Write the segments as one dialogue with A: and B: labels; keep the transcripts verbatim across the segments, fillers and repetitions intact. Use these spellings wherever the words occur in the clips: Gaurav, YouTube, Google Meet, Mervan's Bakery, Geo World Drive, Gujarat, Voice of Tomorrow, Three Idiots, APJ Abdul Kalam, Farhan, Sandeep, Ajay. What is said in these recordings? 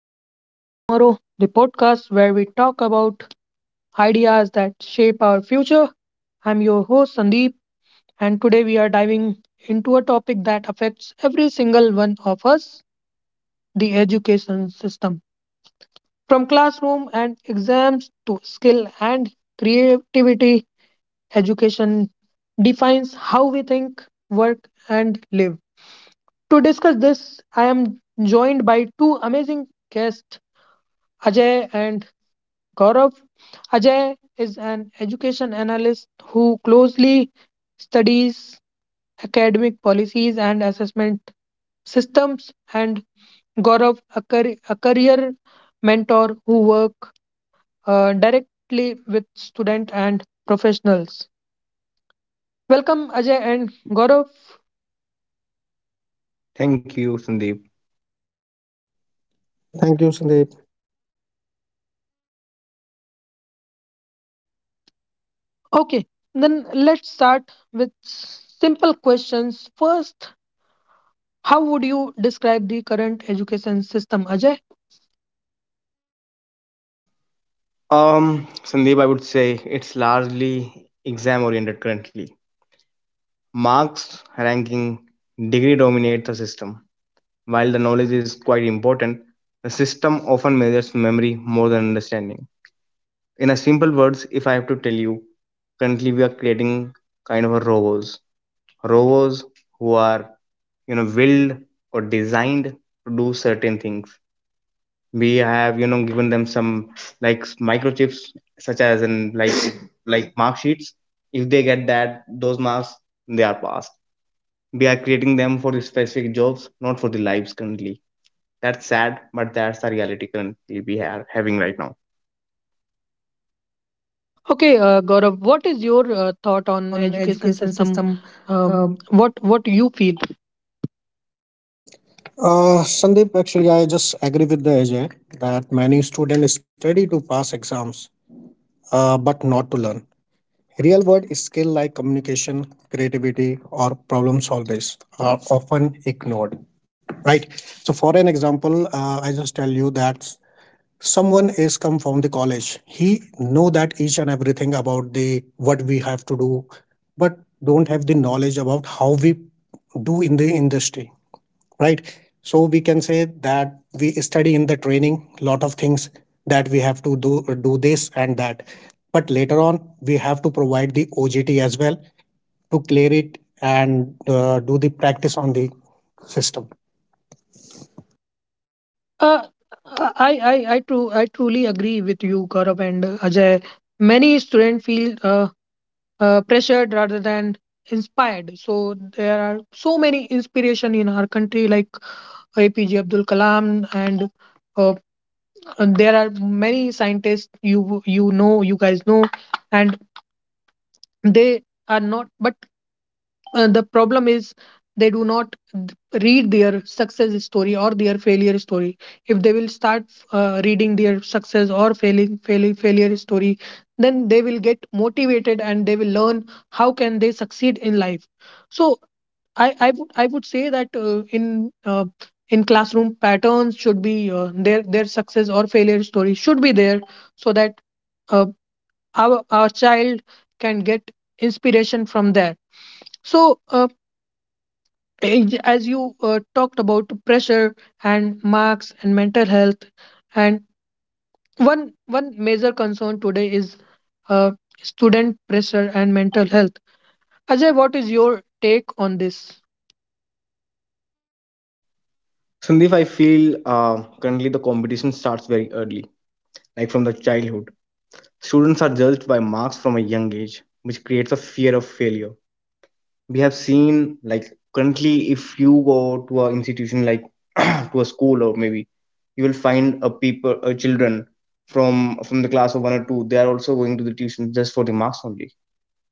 A: Voice of Tomorrow, the podcast where we talk about ideas that shape our future. I'm your host, Sandeep, and today we are diving into a topic that affects every single one of us: the education system. From classroom and exams to skill and creativity, education defines how we think, work, and live. To discuss this, I am joined by two amazing guests: Ajay and Gaurav. Ajay is an education analyst who closely studies academic policies and assessment systems, and Gaurav, a, car- a career mentor who work uh, directly with student and professionals. Welcome, Ajay and Gaurav.
B: Thank you, Sandeep.
C: Thank you, Sandeep.
A: Okay, then let's start with simple questions. First, how would you describe the current education system, Ajay?
B: Um, Sandeep, I would say it's largely exam oriented currently. Marks, ranking, degree dominate the system. While the knowledge is quite important, the system often measures memory more than understanding. In a simple words, if I have to tell you, currently we are creating kind of a robots. Robots who are, you know, willed or designed to do certain things. We have you know given them some like s- microchips such as in like like mark sheets if they get that those marks they are passed. We are creating them for the specific jobs, not for the lives currently. That's sad, but that's the reality currently we are having right now.
A: Okay, uh, Gaurav, what is your uh,
C: Uh,
A: thought
C: thought
A: on
C: on
A: education
C: education
A: system?
C: system
A: Um,
C: uh,
A: what what you feel?
C: Uh, Sandeep, actually, I just agree with the Ajay that many students study to pass exams, uh, but not to learn. Real world skill like communication, creativity, or problem solving are often ignored. Right. So, for an example, uh, I just tell you that someone is come from the college. He know that each and everything about the what we have to do, but don't have the knowledge about how we do in the industry. Right. So we can say that we study in the training lot of things that we have to do, do this and that, but later on we have to provide the OGT as well to clear it and uh, do the practice on the system.
A: Uh, I I I too I truly agree with you, Gaurav and uh, Ajay. Many students feel uh, uh, pressured rather than inspired. So there are so many inspiration in our country, like A P J Abdul Kalam, and uh, and there are many scientists you you know you guys know, and they are not. But uh, the problem is they do not d- read their success story or their failure story. If they will start uh, reading their success or failing, failing failure story, then they will get motivated and they will learn how can they succeed in life. So i i would i would say that uh, in uh, in classroom patterns should be, uh, their their success or failure story should be there, so that uh, our our child can get inspiration from there. So uh, Ex- as you uh, talked about pressure and marks and mental health, and one one major concern today is uh, student pressure and mental health. Ajay, what is your take on this?
B: Sandeep, I feel uh, currently the competition starts very early, like from the childhood. Students are judged by marks from a young age, which creates a fear of failure. We have seen like currently if you go to an institution like to a school or maybe you will find a people, a children from from the class of one or two, they are also going to the tuition just for the marks only.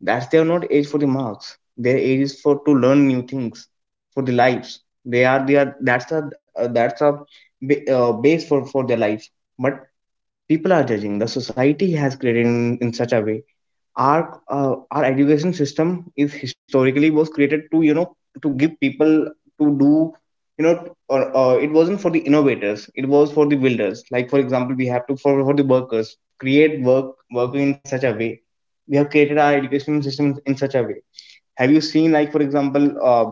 B: That's they are not age for the marks, their age is for to learn new things for the lives. They are they are that's a uh, that's a ba- uh, base for for their life. But people are judging, the society has created in, in such a way. Our uh, our education system is historically was created to you know to give people to do, you know, or uh, it wasn't for the innovators, it was for the builders. Like for example we have to for, for the workers create work work in such a way. We have created our education system in such a way. Have you seen like for example uh,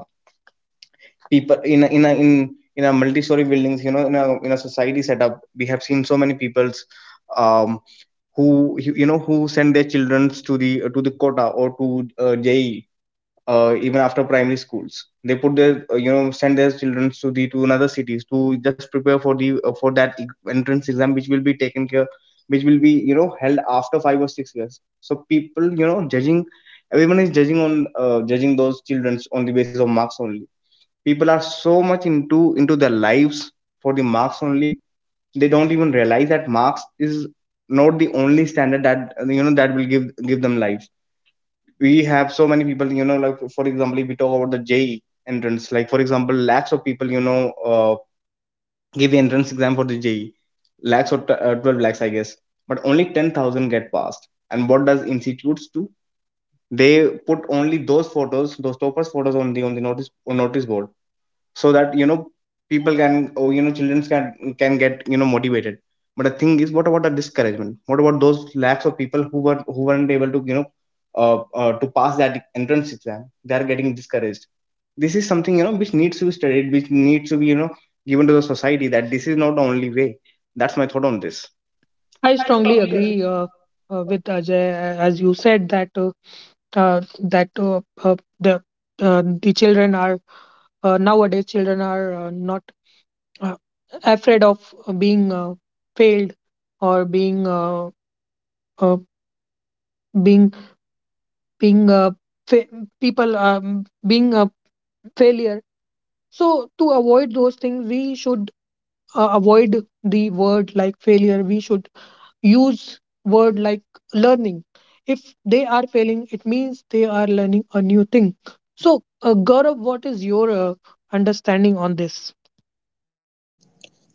B: people in a, in a, in in a multi-story buildings, you know, in a in a society setup. We have seen so many peoples, um who you you know who send their children to the to the quota or to uh, J E E. Uh, even after primary schools they put their uh, you know send their children to the to another cities to just prepare for the uh, for that e- entrance exam, which will be taken care, which will be you know held after five or six years. So people you know judging, everyone is judging on uh, judging those children on the basis of marks only. People are so much into into their lives for the marks only. They don't even realize that marks is not the only standard that uh, you know that will give give them life. We have so many people, you know, like for example if we talk about the J E E entrance, like for example lakhs of people, you know, uh, give entrance exam for the J E E. Lakhs or t- uh, twelve lakhs I guess, but only ten thousand get passed. And what does institutes do, they put only those photos, those toppers photos on the on the notice on notice board so that you know people can, or you know children can can get you know motivated. But the thing is what about the discouragement, what about those lakhs of people who were who weren't able to you know uh, uh, to pass that entrance exam, they are getting discouraged. This is something, you know, which needs to be studied, which needs to be you know given to the society that this is not the only way. That's my thought on this.
A: I
B: I
A: strongly
B: strongly
A: agree,
B: agree.
A: uh,
B: Uh,
A: uh, with Ajay, uh, as you said that uh, uh, that uh, uh, the uh, the children are, uh, nowadays children are uh, not uh, afraid of being uh, failed or being uh, uh, being being a fa- people um, being a failure. So to avoid those things, we should uh, avoid the word like failure. We should use word like learning. If they are failing, it means they are learning a new thing. So, uh, Gaurav, what is your uh, understanding on this?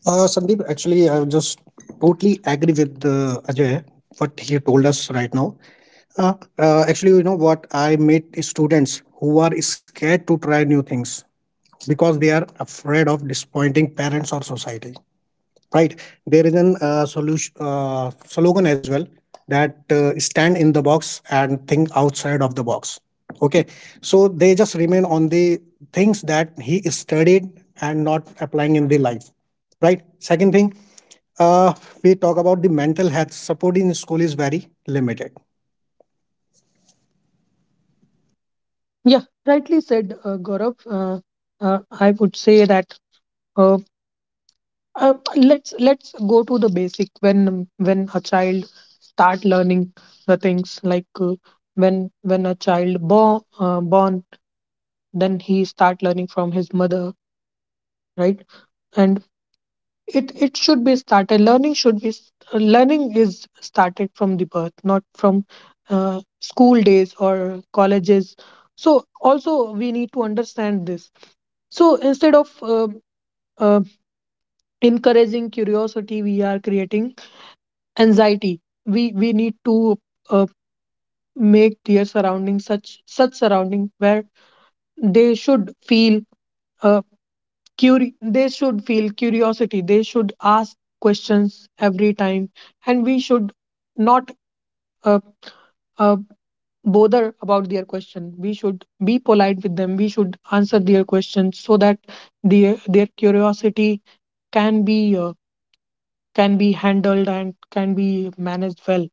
C: Uh, Sandeep, actually, I just totally agree with uh, Ajay what he told us right now. Uh, uh, actually, you know what I meet is students who are scared to try new things because they are afraid of disappointing parents or society. Right? There is an uh, solution uh, slogan as well that uh, stand in the box and think outside of the box. Okay, so they just remain on the things that he studied and not applying in the life. Right. Second thing, uh, we talk about the mental health support in school is very limited.
A: Yeah, rightly said, uh, Gaurav. Uh, uh, I would say that uh, Uh, let's let's go to the basic, when when a child start learning the things, like, uh, when when a child born, uh, born then he start learning from his mother. Right? And it it should be started, learning should be s- uh, learning is started from the birth, not from uh, school days or colleges. So also we need to understand this. So instead of uh, uh, encouraging curiosity, we are creating anxiety. We we need to uh, make their surrounding, such such surrounding where they should feel, uh, curi- they should feel curiosity, they should ask questions every time. And we should not uh, uh, bother about their question, we should be polite with them, we should answer their questions, so that their their curiosity can be, uh, can be handled and can be managed well.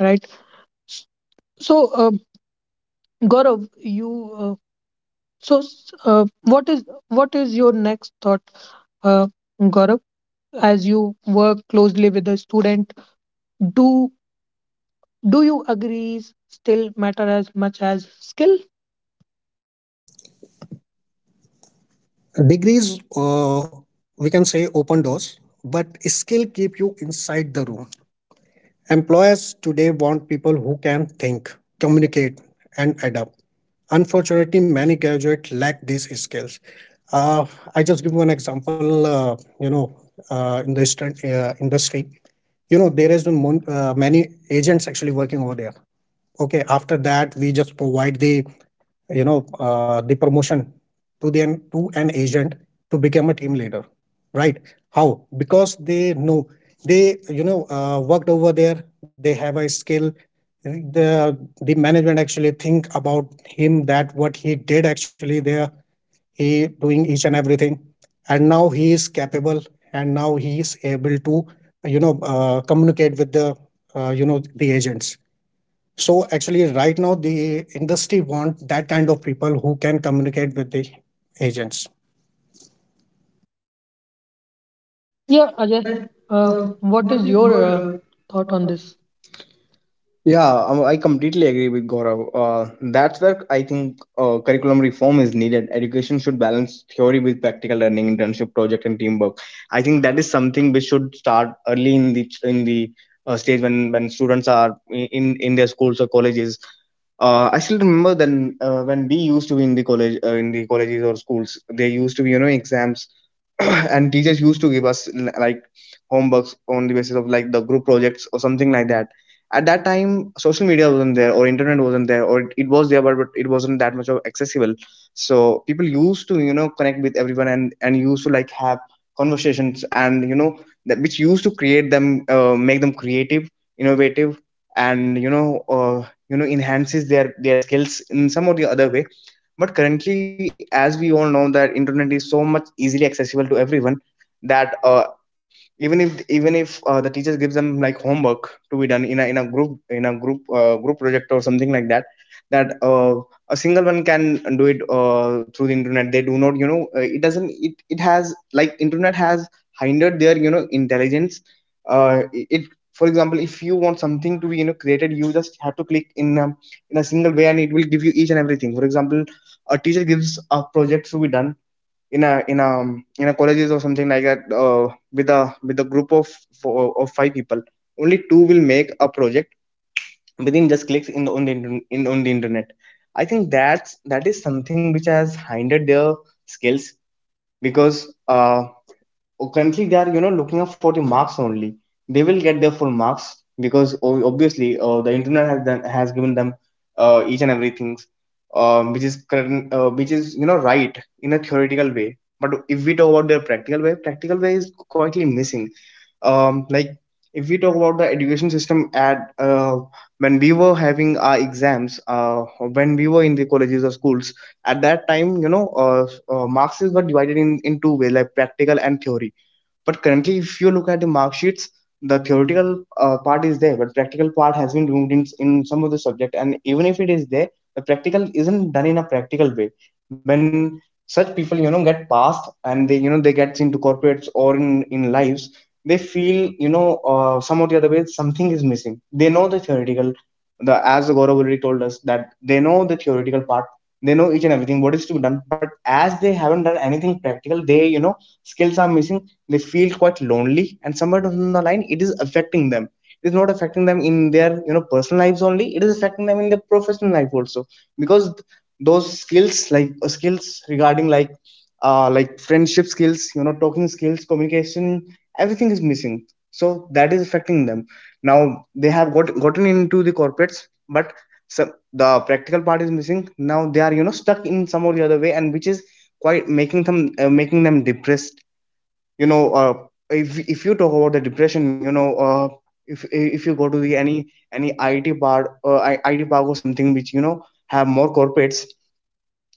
A: Right. S- so uh, Gaurav, you, uh, so s- uh, what is what is your next thought, uh, Gaurav, as you work closely with a student? Do do you agree still matter as much as skill?
C: Degrees, uh, we can say, open doors, but skill keep you inside the room. Employers today want people who can think, communicate, and adapt. Unfortunately, many graduates lack these skills. Uh, I just give one example. Uh, you know, uh, in the instant, uh, industry, you know there has been mon- uh, many agents actually working over there. Okay, after that we just provide the you know uh, the promotion to the, to an agent, to become a team leader. Right. How? Because they know, they you know uh, worked over there, they have a skill. the the management actually think about him that what he did actually there, he doing each and everything, and now he is capable, and now he is able to you know uh, communicate with the uh, you know the agents. So actually, right now the industry want that kind of people who can communicate with the agents.
A: Yeah,
B: Yeah,
A: Ajay,
B: Ajay,
A: uh,
B: uh,
A: what
B: what
A: is
B: is
A: your
B: your
A: uh,
B: uh,
A: thought
B: thought
A: on
B: on.
A: this?
B: Yeah, um, I completely agree with Gaurav. Uh, that's where I think uh, curriculum reform is needed. Education should balance theory with practical learning, internship, project, and teamwork. I think that is something which should start early in the in the uh, stage when when students are in in their schools or colleges. Uh, I still remember then uh, when we used to be in the college, uh, in the colleges or schools, there used to be you know exams and teachers used to give us l- like homeworks on the basis of like the group projects or something like that. At that time social media wasn't there, or internet wasn't there, or it, it was there but, but it wasn't that much of accessible. So people used to you know connect with everyone and and used to like have conversations and you know that which used to create them uh, make them creative, innovative, and you know uh, you know enhances their their skills in some or the other way. But currently as we all know that internet is so much easily accessible to everyone, that uh, even if even if uh, the teacher gives them like homework to be done in a in a group in a group uh, group project or something like that, that uh, a single one can do it uh, through the internet. They do not you know uh, it doesn't, it it has like internet has hindered their you know intelligence. Uh, it, for example, if you want something to be you know created, you just have to click in a, in a single way and it will give you each and everything. For example a teacher gives a project to be done in a in a um, in a colleges or something like that uh, with a with a group of four of five people, only two will make a project within just clicks in the on the, inter- in, on the internet. I think that's that is something which has hindered their skills. Because uh, Oh, currently they are you know looking up for the marks only, they will get their full marks because o- obviously uh, the internet has done, has given them uh, each and everything, um, which is current, uh, which is you know right in a theoretical way. But if we talk about their practical way, practical way is quietly missing. um, like, if we talk about the education system at uh, when we were having our exams, uh, when we were in the colleges or schools, at that time you know uh, uh, marks were divided in, in two ways, like practical and theory. But currently, if you look at the mark sheets, the theoretical uh, part is there, but practical part has been removed in, in some of the subject. And even if it is there, the practical isn't done in a practical way. When such people, you know, get passed and they, you know, they get into corporates or in, in lives, they feel, you know, uh, some or the other way something is missing. They know the theoretical, the as the Gaurav already told us that they know the theoretical part, they know each and everything what is to be done, but as they haven't done anything practical, they you know skills are missing. They feel quite lonely, and somewhere down the line, it is affecting them. It is not affecting them in their you know personal lives only. It is affecting them in their professional life also because th- those skills like uh, skills regarding like uh like friendship skills, you know, talking skills, communication, everything is missing. So that is affecting them. Now they have got gotten into the corporates, but so the practical part is missing. Now they are you know stuck in some or the other way, and which is quite making them uh, making them depressed, you know. Uh, if if you talk about the depression, you know, uh, if if you go to the any any I T part, uh, I- IT park or something which you know have more corporates,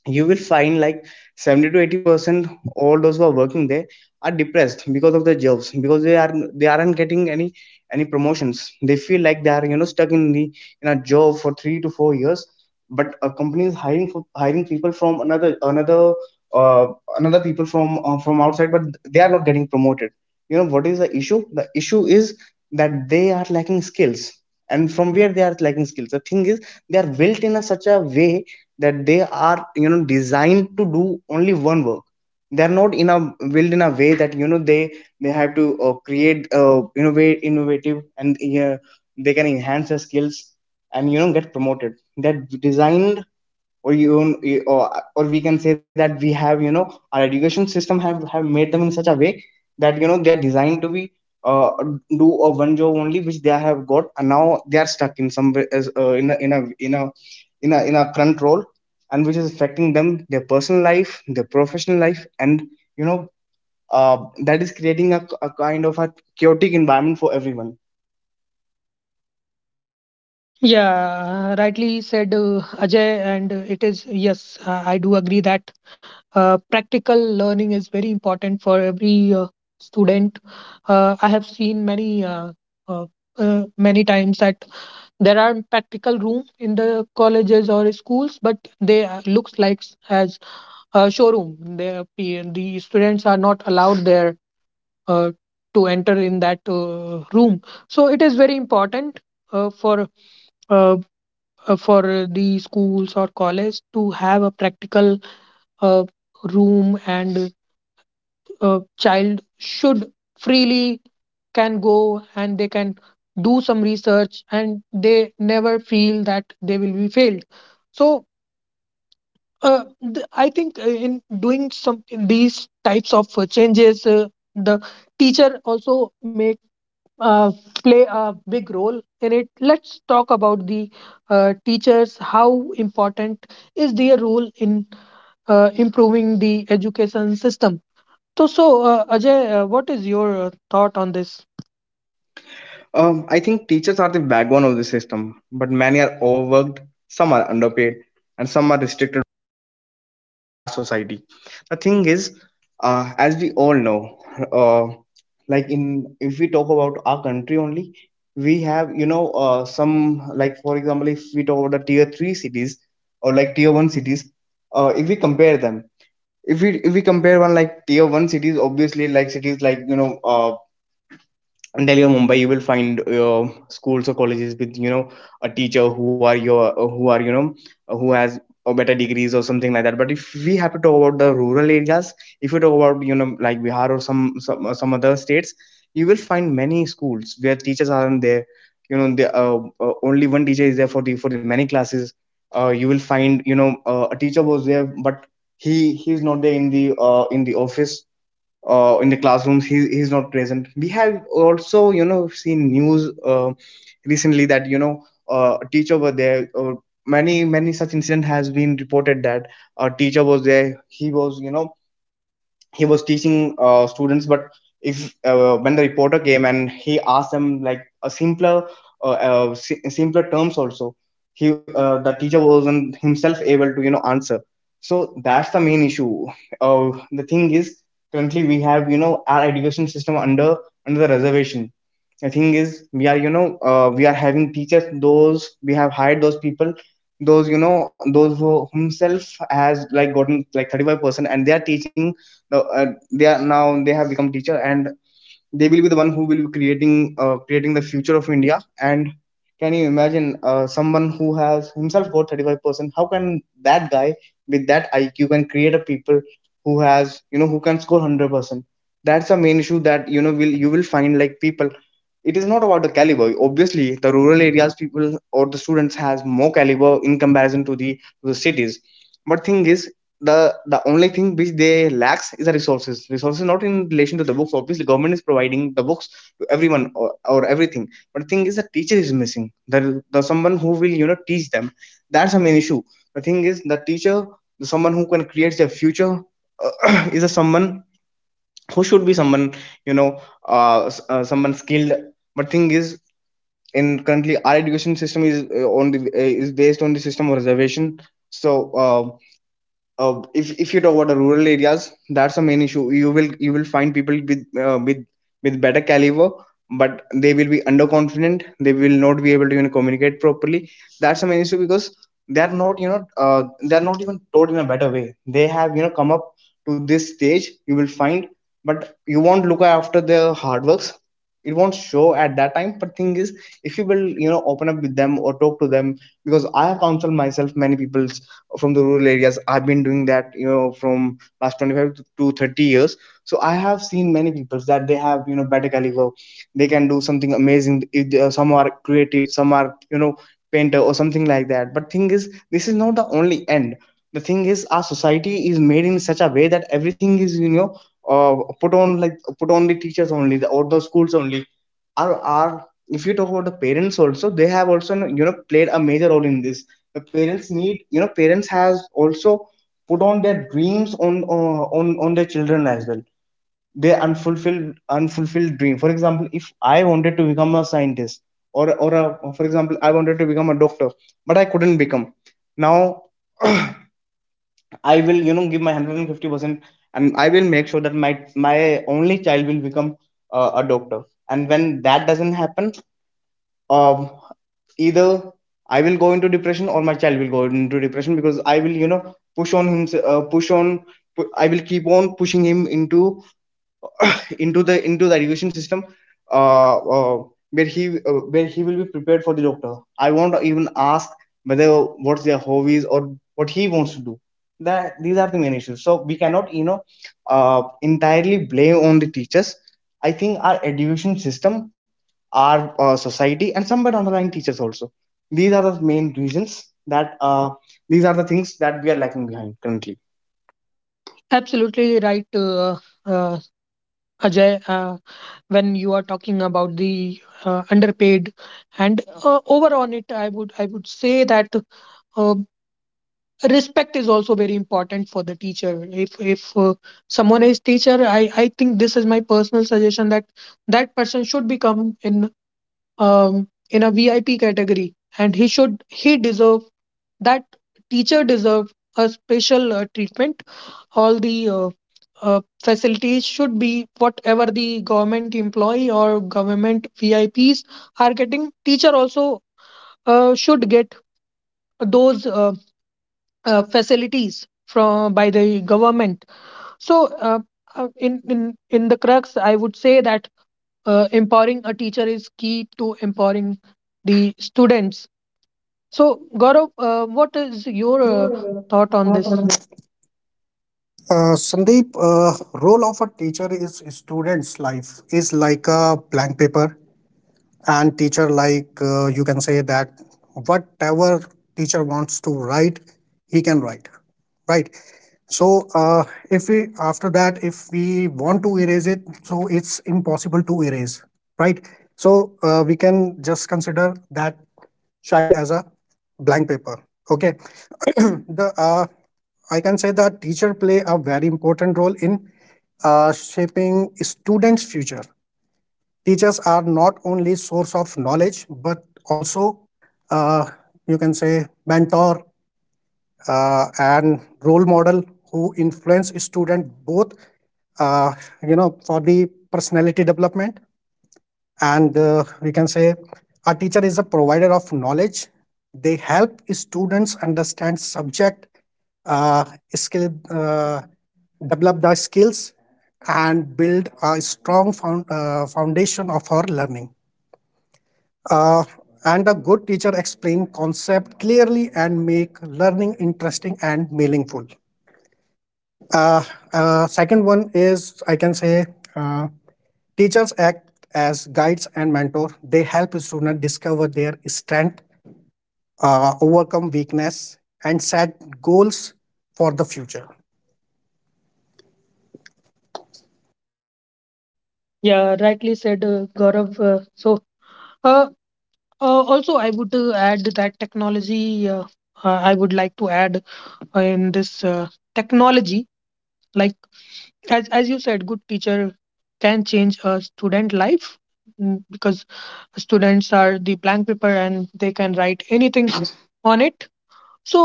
B: you will find like seventy to eighty percent all those who are working there are depressed because of their jobs, because they are they aren't getting any any promotions. They feel like they are you know stuck in the in a job for three to four years, but a company is hiring for, hiring people from another another uh, another people from uh, from outside, but they are not getting promoted. You know what is the issue, the issue is that they are lacking skills. And from where they are lacking skills, the thing is they are built in a such a way that they are you know designed to do only one work. They are not in a built in a way that you know they they have to uh, create uh, innovate innovative and uh, they can enhance their skills and you know get promoted. They're designed, or you own- or, or we can say that we have you know our education system have have made them in such a way that you know they are designed to be uh, do a one job only which they have got, and now they are stuck in some way as, uh, in a in a in a in a in a current role, and which is affecting them, their personal life, their professional life, and you know uh, that is creating a, a kind of a chaotic environment for everyone.
A: Yeah, rightly said, uh, Ajay, and uh, it is, yes, uh, I do agree that uh, practical learning is very important for every uh, student. Uh, I have seen many uh, uh, uh, many times that there are practical room in the colleges or schools, but they uh, looks like, s- as a showroom. They, the students are not allowed there uh, to enter in that uh, room. So it is very important uh, for uh, uh, for the schools or college to have a practical uh, room, and a child should freely can go and they can do some research, and they never feel that they will be failed. So uh, th- I think uh, in doing some, in these types of uh, changes, uh, the teacher also may uh, play a big role in it. Let's talk about the uh, teachers. How important is their role in uh, improving the education system? So, so uh, Ajay, uh, what is your uh, thought on this?
B: Um, I think teachers are the backbone of the system, but many are overworked, some are underpaid, and some are restricted uh, our society. The thing is, uh, as we all know, uh, like in if we talk about our country only, we have you know uh, some, like for example, if we talk about the tier three cities or like tier one cities, uh, if we compare them, if we if we compare one, like tier one cities, obviously like cities like you know uh in Delhi or Mumbai, you will find uh, schools or colleges with you know a teacher who are your who are you know who has a better degrees or something like that. But if we have to talk about the rural areas, if you talk about you know like Bihar or some some uh, some other states, you will find many schools where teachers aren't there. You know, the uh, uh, only one teacher is there for the for the many classes. Uh, you will find, you know uh, a teacher was there, but he he is not there in the uh, in the office, uh, in the classrooms he he's not present. We have also you know seen news uh, recently that you know uh, a teacher were there, or many many such incident has been reported that a teacher was there, he was you know he was teaching uh, students. But if uh, when the reporter came and he asked them, like a simpler uh, uh, si- simpler terms also, he uh, the teacher wasn't himself able to you know answer. So that's the main issue. Uh, the thing is, currently we have you know our education system under, under the reservation. The thing is, we are you know uh, we are having teachers, those we have hired, those people, those you know those who himself has like gotten like thirty-five percent, and they are teaching now. Uh, they are now, they have become teacher, and they will be the one who will be creating uh, creating the future of India. And can you imagine uh, someone who has himself got thirty-five percent? How can that guy with that I Q can create a people who has you know who can score one hundred percent? That's the main issue, that you know will you will find like people. It is not about the caliber. Obviously, the rural areas people or the students has more caliber in comparison to the to the cities, but thing is, the the only thing which they lacks is the resources. Resources not in relation to the books. Obviously, government is providing the books to everyone, or, or everything. But the thing is, the teacher is missing. The, the someone who will you know teach them. That's a main issue. The thing is, the teacher, the someone who can create their future, uh, is a someone who should be someone you know uh, s- uh, someone skilled. But thing is, in currently our education system is uh, on the uh, is based on the system of reservation. So. Uh, uh, if if you talk about the rural areas, that's the main issue. You will you will find people with uh, with with better caliber, but they will be underconfident. They will not be able to, you know, communicate properly. That's the main issue, because they are not you know uh, they are not even taught in a better way. They have you know come up to this stage. You will find, but you won't look after their hard works, it won't show at that time. But thing is, if you will you know open up with them or talk to them, because I have counseled myself many people from the rural areas. I've been doing that you know from last twenty-five to to thirty years. So I have seen many people that they have you know better caliber, they can do something amazing if they, some are creative, some are you know painter or something like that. But thing is, this is not the only end. The thing is, our society is made in such a way that everything is you know uh, put on, like put on the teachers only, the, or the schools only. Are are if you talk about the parents also, they have also you know played a major role in this. The parents need, you know parents has also put on their dreams on uh, on on their children as well, their unfulfilled unfulfilled dream. For example, if I wanted to become a scientist, or or a, for example, I wanted to become a doctor, but I couldn't become. Now I will you know give my one hundred fifty percent, and I will make sure that my my only child will become uh, a doctor. And when that doesn't happen, um either I will go into depression, or my child will go into depression, because I will you know push on him, uh, push on pu- I will keep on pushing him into into the into the education system, uh, uh where he uh, where he will be prepared for the doctor. I won't even ask whether what's their hobbies or what he wants to do. That these are the main issues. So we cannot you know uh entirely blame on the teachers. I think our education system, our uh, society, and somewhere down the line, teachers also. These are the main reasons that uh, these are the things that we are lacking behind currently.
A: Absolutely right, uh, uh, Ajay. Uh, when you are talking about the uh, underpaid and uh, over on it, I would I would say that respect is also very important for the teacher. If if uh, someone is teacher, i i think this is my personal suggestion, that that person should become in um in a V I P category, and he should he deserve that teacher deserve a special uh, treatment. All the uh, uh, facilities should be, whatever the government employee or government V I Ps are getting, teacher also uh, should get those uh, uh, facilities from by the government. So, uh, uh, in in in the crux, I would say that uh, empowering a teacher is key to empowering the students. So, Gaurav, uh, what is your uh, thought on this?
C: Uh, Sandeep, uh, role of a teacher is students' life is like a blank paper. And teacher, like, uh, you can say that whatever teacher wants to write, he can write. Right? So, uh, if we, after that, if we want to erase it, so it's impossible to erase. Right. So uh, we can just consider that child as a blank paper. Okay. the uh, I can say that teacher play a very important role in uh, shaping students future. Teachers are not only source of knowledge, but also uh, you can say mentor uh, and role model, who influence student both uh, you know, for the personality development. And uh, we can say a teacher is a provider of knowledge. They help students understand subject, uh, skill uh, develop the skills, and build a strong found, uh, foundation of our learning. Uh, and a good teacher explain concept clearly and make learning interesting and meaningful. Uh, uh, second one is, I can say, uh, teachers act as guides and mentor. They help students discover their strength, uh, overcome weakness, and set goals for the future.
A: Yeah, rightly said, uh, Gaurav. Uh, so uh, uh, also I would uh, add that technology, uh, uh, I would like to add uh, in this, uh, technology, like, as as you said, good teacher can change a student life, mm, because students are the blank paper and they can write anything on it. So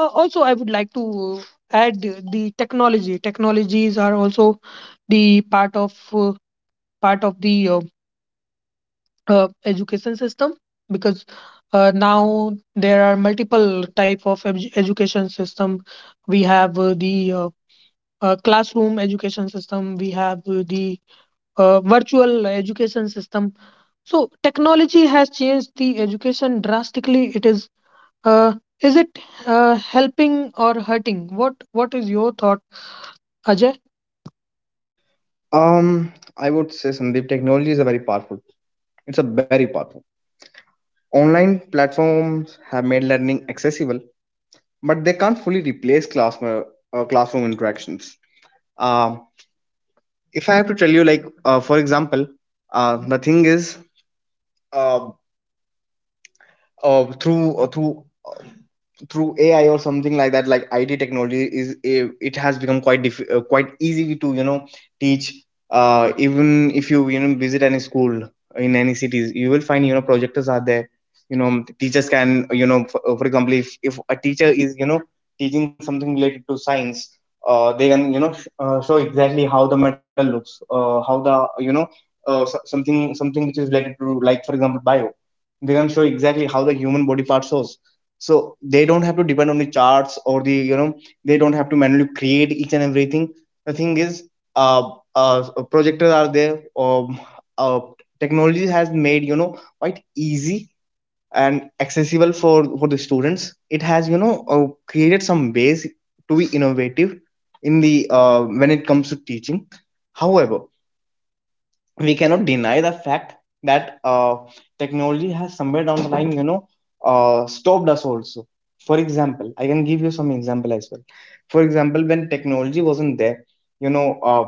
A: uh, also I would like to add, the the technology, technologies are also the part of uh, part of the uh, uh, education system, because uh, now there are multiple type of edu- education system. We have uh, the uh, uh, classroom education system, we have uh, the uh, virtual education system. So technology has changed the education drastically. It is uh, is it uh, helping or hurting? What what is your thought, Ajay?
B: Um, I would say, Sandeep, technology is a very powerful. It's a very powerful. Online platforms have made learning accessible, but they can't fully replace class uh, uh, classroom interactions. Um, if I have to tell you, like uh, for example, uh, the thing is, uh, uh, through uh, through through A I or something like that, like I T technology is eh, it has become quite diff- uh, quite easy to you know teach. Uh, even if you you know visit any school in any cities, you will find you know projectors are there. You know teachers can you know for, uh, for example, if if a teacher is you know teaching something related to science, uh, they can you know sh- uh, show exactly how the metal looks, uh, how the you know uh, so- something something which is related to like, for example, bio. They can show exactly how the human body part shows, so they don't have to depend on the charts or the, you know they don't have to manually create each and everything. The thing is, uh, uh so projectors are there. um, uh, Technology has made you know quite easy and accessible for for the students. It has you know uh, created some ways to be innovative in the uh, when it comes to teaching. However, we cannot deny the fact that uh, technology has somewhere down the line you know uh, stopped us also. For example, I can give you some example as well. For example, when technology wasn't there, you know uh,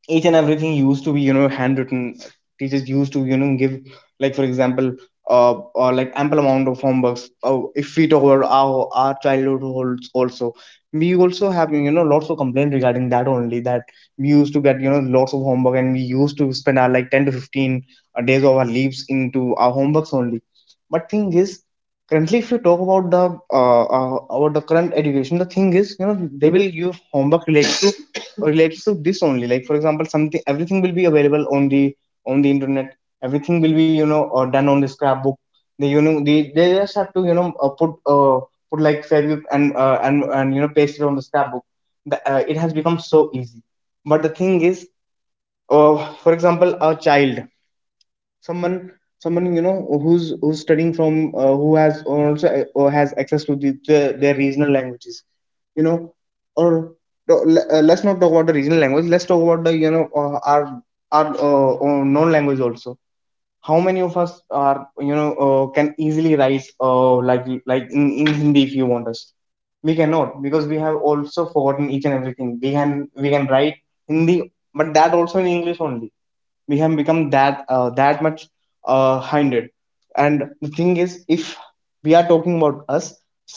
B: each and everything used to be you know handwritten. Teachers used to you know give, like for example, uh, or like ample amount of homeworks. Oh, if we talk about our, our childhood holds also, we also have you know lots of complaint regarding that only, that we used to get you know lots of homework, and we used to spend our like ten to fifteen days of our leaves into our homeworks only. But thing is, currently if you talk about the uh, uh, about the current education, the thing is you know they will give homework related to, related to this only, like for example something, everything will be available on the on the internet. Everything will be you know uh, done on the scrapbook. They you know they, they just have to you know uh, put uh, put like fabric and uh, and and you know paste it on the scrapbook. The, uh, it has become so easy. But the thing is, uh, for example, a child, someone, someone you know who's who's studying from uh, who has also uh, or has access to the, the their regional languages, you know or no, le- uh, let's not talk about the regional language. Let's talk about the you know uh, our our uh, uh, known language also. How many of us are you know uh, can easily write uh, like like in, in Hindi? If you want us, we cannot, because we have also forgotten each and everything. We can we can write Hindi, but that also in English only. We have become that uh, that much uh, hindered. And the thing is, if we are talking about us,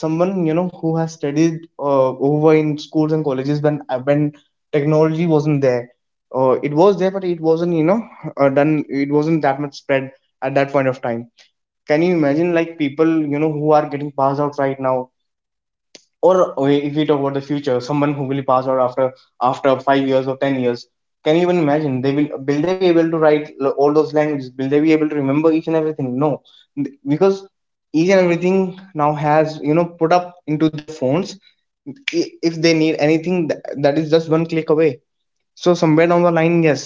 B: someone you know who has studied uh, over in schools and colleges when when technology wasn't there. Uh, it was there but it wasn't you know uh, done, it wasn't that much spread at that point of time. Can you imagine, like, people you know who are getting passed out right now, or uh, if we talk about the future, someone who will pass out after after five years or ten years, can you even imagine? They will will they be able to write all those languages? Will they be able to remember each and everything? No, because each and everything now has, you know put up into their phones. If they need anything, that is just one click away. So somewhere down the line, yes,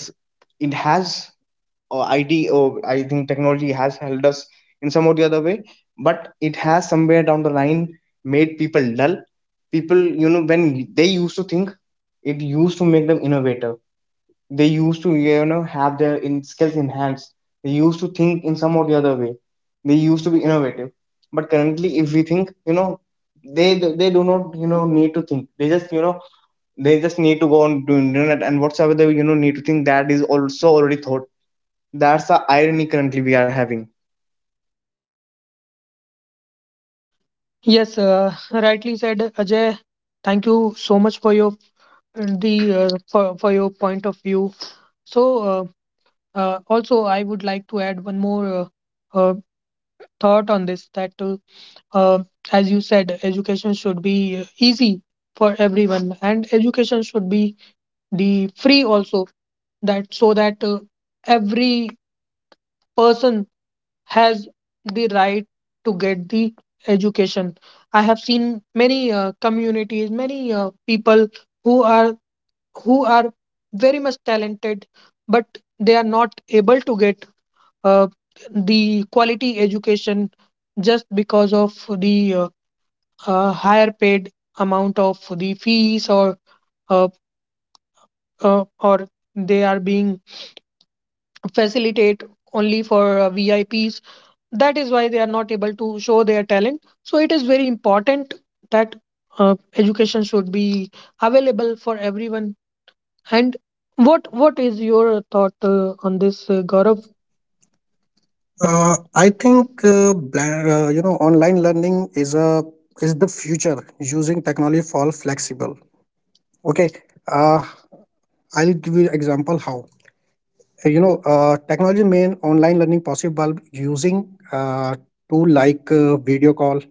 B: it has, or I D, or I think technology has helped us in some or the other way, but it has somewhere down the line made people dull. People, you know, when they used to think, it used to make them innovative. They used to, you know, have their in skills enhanced. They used to think in some or the other way. They used to be innovative. But currently, if we think, you know, they they do not, you know, need to think. They just, you know, they just need to go on to internet, and whatsoever they you know need to think, that is also already thought. That's the irony currently we are having.
A: Yes, uh, rightly said, Ajay. Thank you so much for your the uh, for for your point of view. So uh, uh, also I would like to add one more uh, uh, thought on this, that uh, uh, as you said, education should be uh, easy for everyone, and education should be the free also, that so that uh, every person has the right to get the education. I have seen many uh, communities, many uh, people who are who are very much talented, but they are not able to get uh, the quality education, just because of the uh, uh, higher paid amount of the fees, or uh, uh, or they are being facilitate only for uh, V I Ps. That is why they are not able to show their talent. So it is very important that uh, education should be available for everyone. And what what is your thought uh, on this, uh,
C: So,
A: Gaurav?
C: Gaurav,
A: Uh,
C: Uh,
A: I
C: I
A: think.
C: think uh, bla- uh, you know, online learning is a is the future, using technology for flexible. Okay, uh, I'll give you example how. Uh, You know, uh, technology made online learning possible using uh, tool like uh, video call,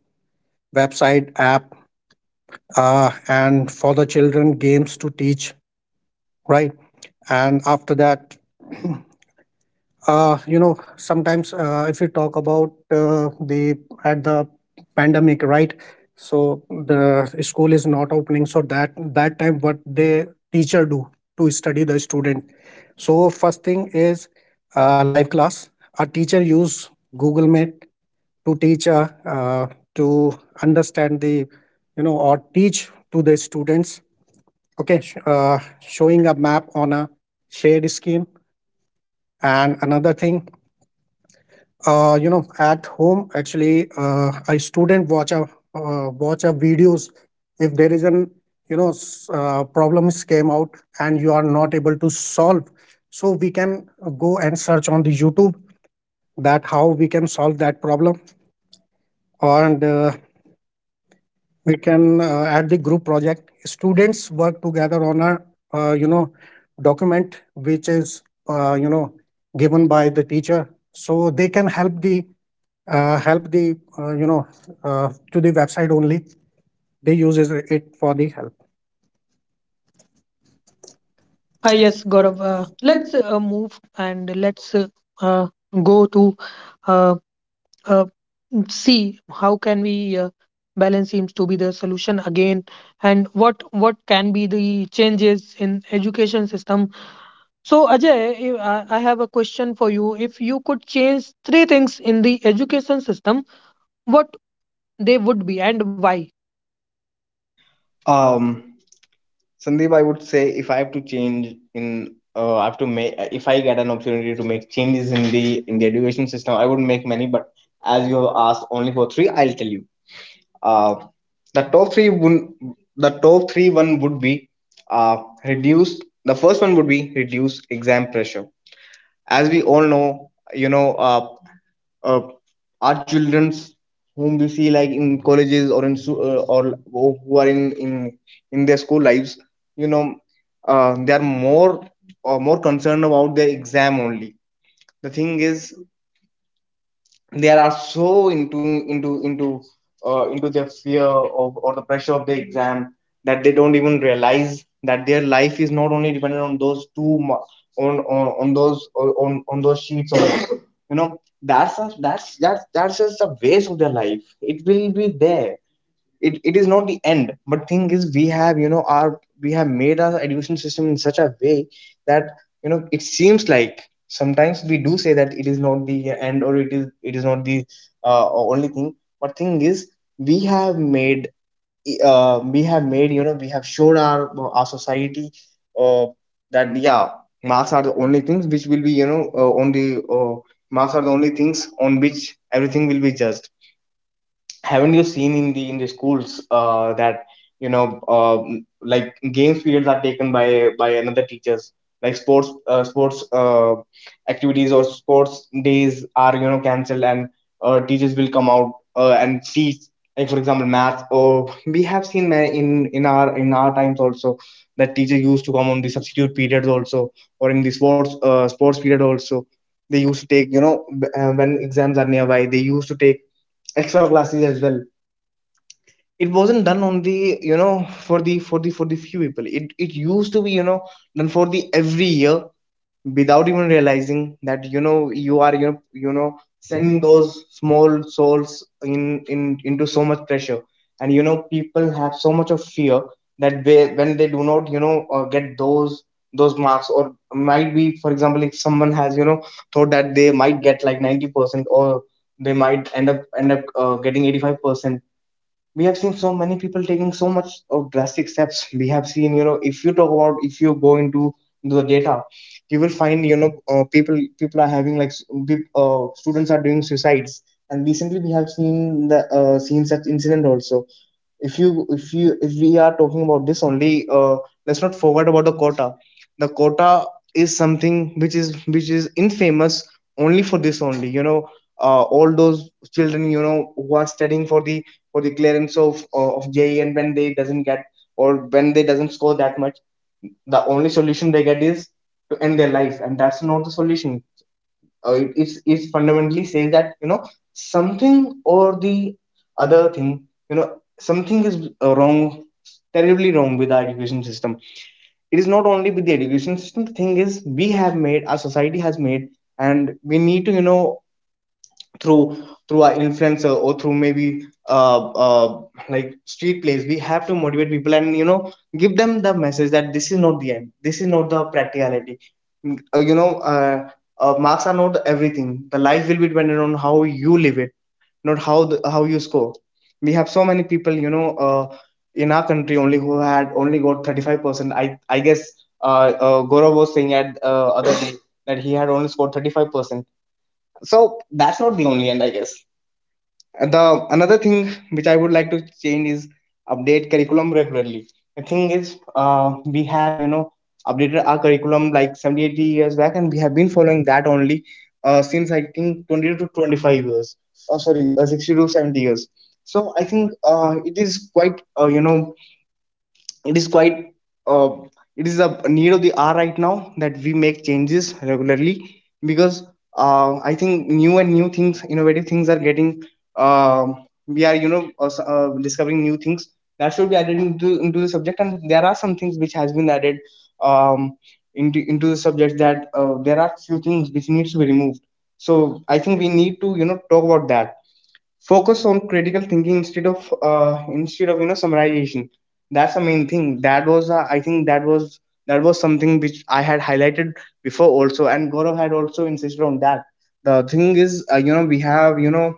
C: website, app, uh, and for the children, games to teach, right? And after that, Uh, you know, sometimes, uh, if you talk about uh, the, at the pandemic, right? So the school is not opening. So that, that time, what the teacher do to study the student? So first thing is uh, live class. A teacher use Google Meet to teach uh, uh, to understand the, you know, or teach to the students. Okay, sh- uh, showing a map on a shared screen. And another thing, Uh, you know, at home, actually, uh, I, student watch a uh, watch a videos. If there is an, you know s- uh, problems came out and you are not able to solve, so we can go and search on the YouTube that how we can solve that problem. And uh, we can uh, at the group project, students work together on a uh, you know document which is uh, you know given by the teacher, so they can help the, uh, help the, uh, you know uh, to the website only, they uses it for the help.
A: Ah, yes, Gaurav. Uh, let's uh, move, and let's uh, uh, go to uh, uh, see how can we uh, balance seems to be the solution again, and what what can be the changes in education system. So, Ajay, if- i I have a question for you. If you could change three things in the education system, what they would be and why?
B: Um, Sandeep, I would say if I have to change in, uh, I have to make, if I get an opportunity to make changes in the in the education system, I would make many. But as you have asked only for three, I'll tell you. Uh, the top three would the top three, one would be uh reduce. The first one would be reduce exam pressure. As we all know, you know, uh, uh, our childrens, whom we see like in colleges or in su- uh, or who are in in in their school lives, you know uh, they are more or more concerned about their exam only. The thing is, they are so into into into uh, into their fear of, or the pressure of the exam, that they don't even realize that their life is not only dependent on those two ma- on on, on those, on on those sheets. Or you know that's a, that's that's that's just a waste of their life. It will be there, it, it is not the end. But thing is, we have, you know our we have made our education system in such a way that, you know it seems like sometimes we do say that it is not the end, or it is it is not the uh, only thing. But thing is, we have made uh, we have made, you know we have showed our our society uh, that, yeah, marks are the only things which will be, you know uh, on the uh, marks are the only things on which everything will be judged. Haven't you seen in the in the schools uh, that, you know um like, games periods are taken by by another teachers, like sports, uh, sports uh, activities or sports days are, you know cancelled, and uh, teachers will come out uh, and teach, like, for example, math. Or we have seen, ma- in in our in our times also, that teachers used to come on the substitute periods also, or in the sports, uh, sports period also, they used to take, you know b- uh, when exams are nearby, they used to take extra classes as well. It wasn't done on the, you know for the for the for the few people, it it used to be, you know done for the every year, without even realizing that, you know you are, you know you know sending those small souls in in into so much pressure. And, you know people have so much of fear that they, when they do not, you know uh, get those those marks, or might be, for example, if someone has, you know thought that they might get like ninety percent, or they might end up end up uh, getting eighty-five percent. We have seen so many people taking so much of drastic steps. We have seen, you know if you talk about, if you go into the data, you will find, you know uh, people people are having like, s- peop- uh, students are doing suicides, and recently we have seen the, uh, seen such incident also. If you, if you if we are talking about this only, uh, let's not forget about the quota. The quota is something which is, which is infamous only for this only, you know uh, all those children, you know who are studying for the, for the clearance of uh, of J E, and when they doesn't get, or when they doesn't score that much, the only solution they get is to end their life, and that's not the solution. Uh, it it's, it's fundamentally says that, you know something or the other thing, you know something is uh, wrong, terribly wrong with our education system. It is not only with the education system. The thing is, we have made, our society has made, and we need to, you know through through our influencer, or through, maybe, uh, uh, like street plays, we have to motivate people, and, you know give them the message that this is not the end, this is not the practicality. Mm, uh, you know uh, uh, Marks are not everything, the life will be dependent on how you live it, not how the, how you score. We have so many people, you know uh, in our country only, who had only got thirty-five percent. I i guess, uh, uh, Gaurav was saying at, uh, other day, that he had only scored thirty-five percent, so that's not the only end, I guess. The another thing which I would like to change is update curriculum regularly. The thing is, uh, we have, you know updated our curriculum like seventy eighty years back, and we have been following that only, uh, since I think twenty to twenty-five years, oh sorry, uh, sixty to seventy years. So I think, uh, it is quite uh, you know it is quite, uh, it is a need of the hour right now, that we make changes regularly, because, uh, I think new and new things, innovative things are getting. Uh, we are, you know uh, s- uh, discovering new things that should be added into into the subject. And there are some things which has been added, um, into into the subject, that uh, there are few things which needs to be removed. So I think we need to, you know talk about that. Focus on critical thinking instead of, uh, instead of you know summarization. That's the main thing, that was, uh, i think that was that was something which I had highlighted before also, and Gaurav had also insisted on that. The thing is, uh, you know we have, you know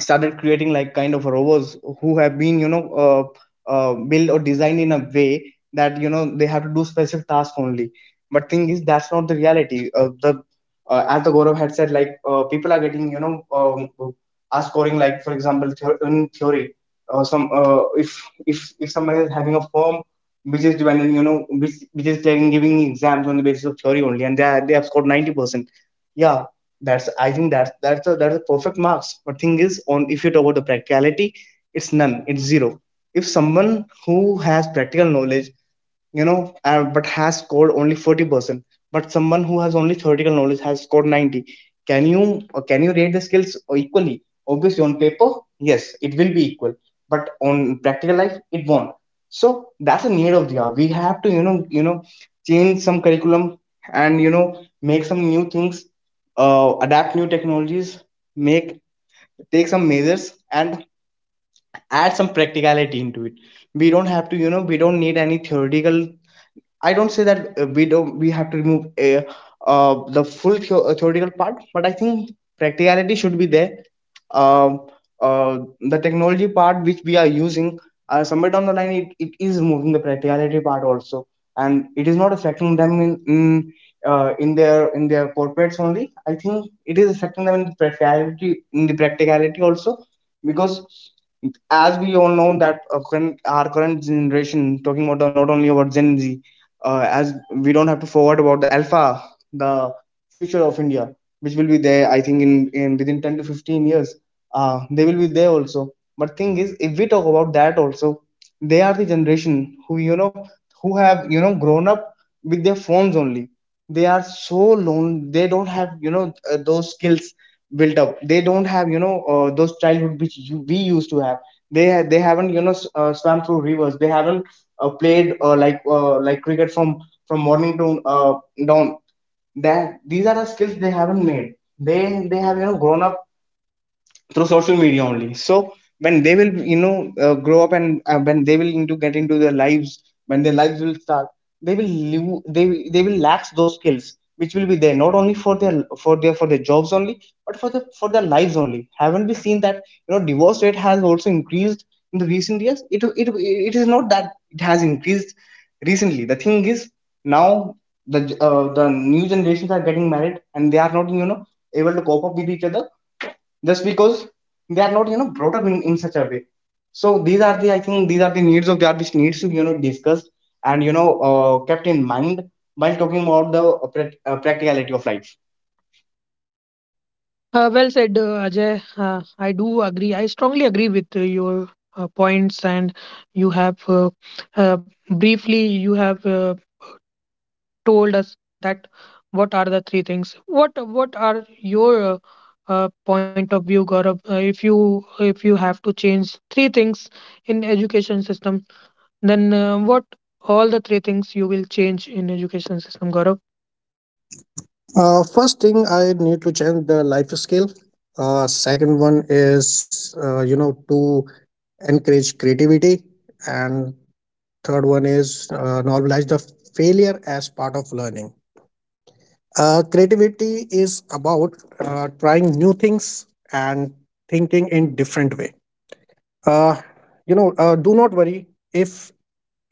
B: started creating like kind of robots, who have been, you know uh, uh, built or designed in a way that, you know they have to do specific tasks only. But thing is, that's not the reality. Uh, the uh, As the Gaurav had said, like, uh, people are getting, you know um, are scoring like, for example, theo- in theory, uh, some uh, if if if someone is having a form which is dependent, you know which which is like giving exams on the basis of theory only, and they, are, they have scored ninety percent, yeah, that's, I think, that's that's a that's a perfect marks. But thing is, on, if you talk about the practicality, it's none, it's zero. If someone who has practical knowledge, you know, uh, but has scored only forty percent, but someone who has only theoretical knowledge has scored ninety, can you, uh, can you rate the skills equally? Obviously, on paper, yes, it will be equal, but on practical life, it won't. So that's a need of the hour, we have to, you know you know change some curriculum, and, you know make some new things, uh, adapt new technologies, make, take some measures, and add some practicality into it. We don't have to, you know we don't need any theoretical, I don't say that, uh, we don't, we have to remove, uh, uh, the full theo- uh, theoretical part, but I think practicality should be there. Um uh, the technology part which we are using, uh, somewhere down the line, it, it is moving the practicality part also, and it is not affecting them in in, uh, in their in their corporates only. I think it is affecting them in the practicality in the practicality also, because as we all know that uh, current, our current generation talking about the, not only about gen z, uh, as we don't have to forget about the alpha, the future of India, which will be there. I think in, in within ten to fifteen years, uh, they will be there also. But thing is, if we talk about that also, they are the generation who you know who have you know grown up with their phones only. They are so lone. They don't have you know uh, those skills built up. They don't have you know uh, those childhood which you, we used to have. They ha- they haven't you know s- uh, swam through rivers. They haven't uh, played uh, like uh, like cricket from from morning to uh, dawn. That these are the skills they haven't made. They they have you know grown up through social media only. So when they will you know uh, grow up, and uh, when they will into get into their lives, when their lives will start, they will lo- they will- they will lack those skills, which will be there not only for their for their for their jobs only, but for the for their lives only. Haven't we seen that you know divorce rate has also increased in the recent years? It it, it is not that it has increased recently. The thing is, now, the uh, the new generations are getting married, and they are not you know able to cope up with each other, just because they are not you know brought up in, in such a way. So these are the I think these are the needs of the art, which needs to be you know discussed and you know uh, kept in mind while talking about the uh, uh, practicality of life.
A: uh, Well said, uh, Ajay. Uh, I do agree. I strongly agree with uh, your uh, points, and you have, uh, uh, briefly, you have uh, told us that what are the three things. What what are your uh, uh, point of view, Gaurav, uh, if you if you have to change three things in education system, then uh, what all the three things you will change in education system, Gaurav?
C: uh, first thing, I need to change the life skill. uh, second one is, uh, you know, to encourage creativity. And third one is, uh, normalize the failure as part of learning. uh, creativity is about uh, trying new things and thinking in different way. uh, you know uh, do not worry if,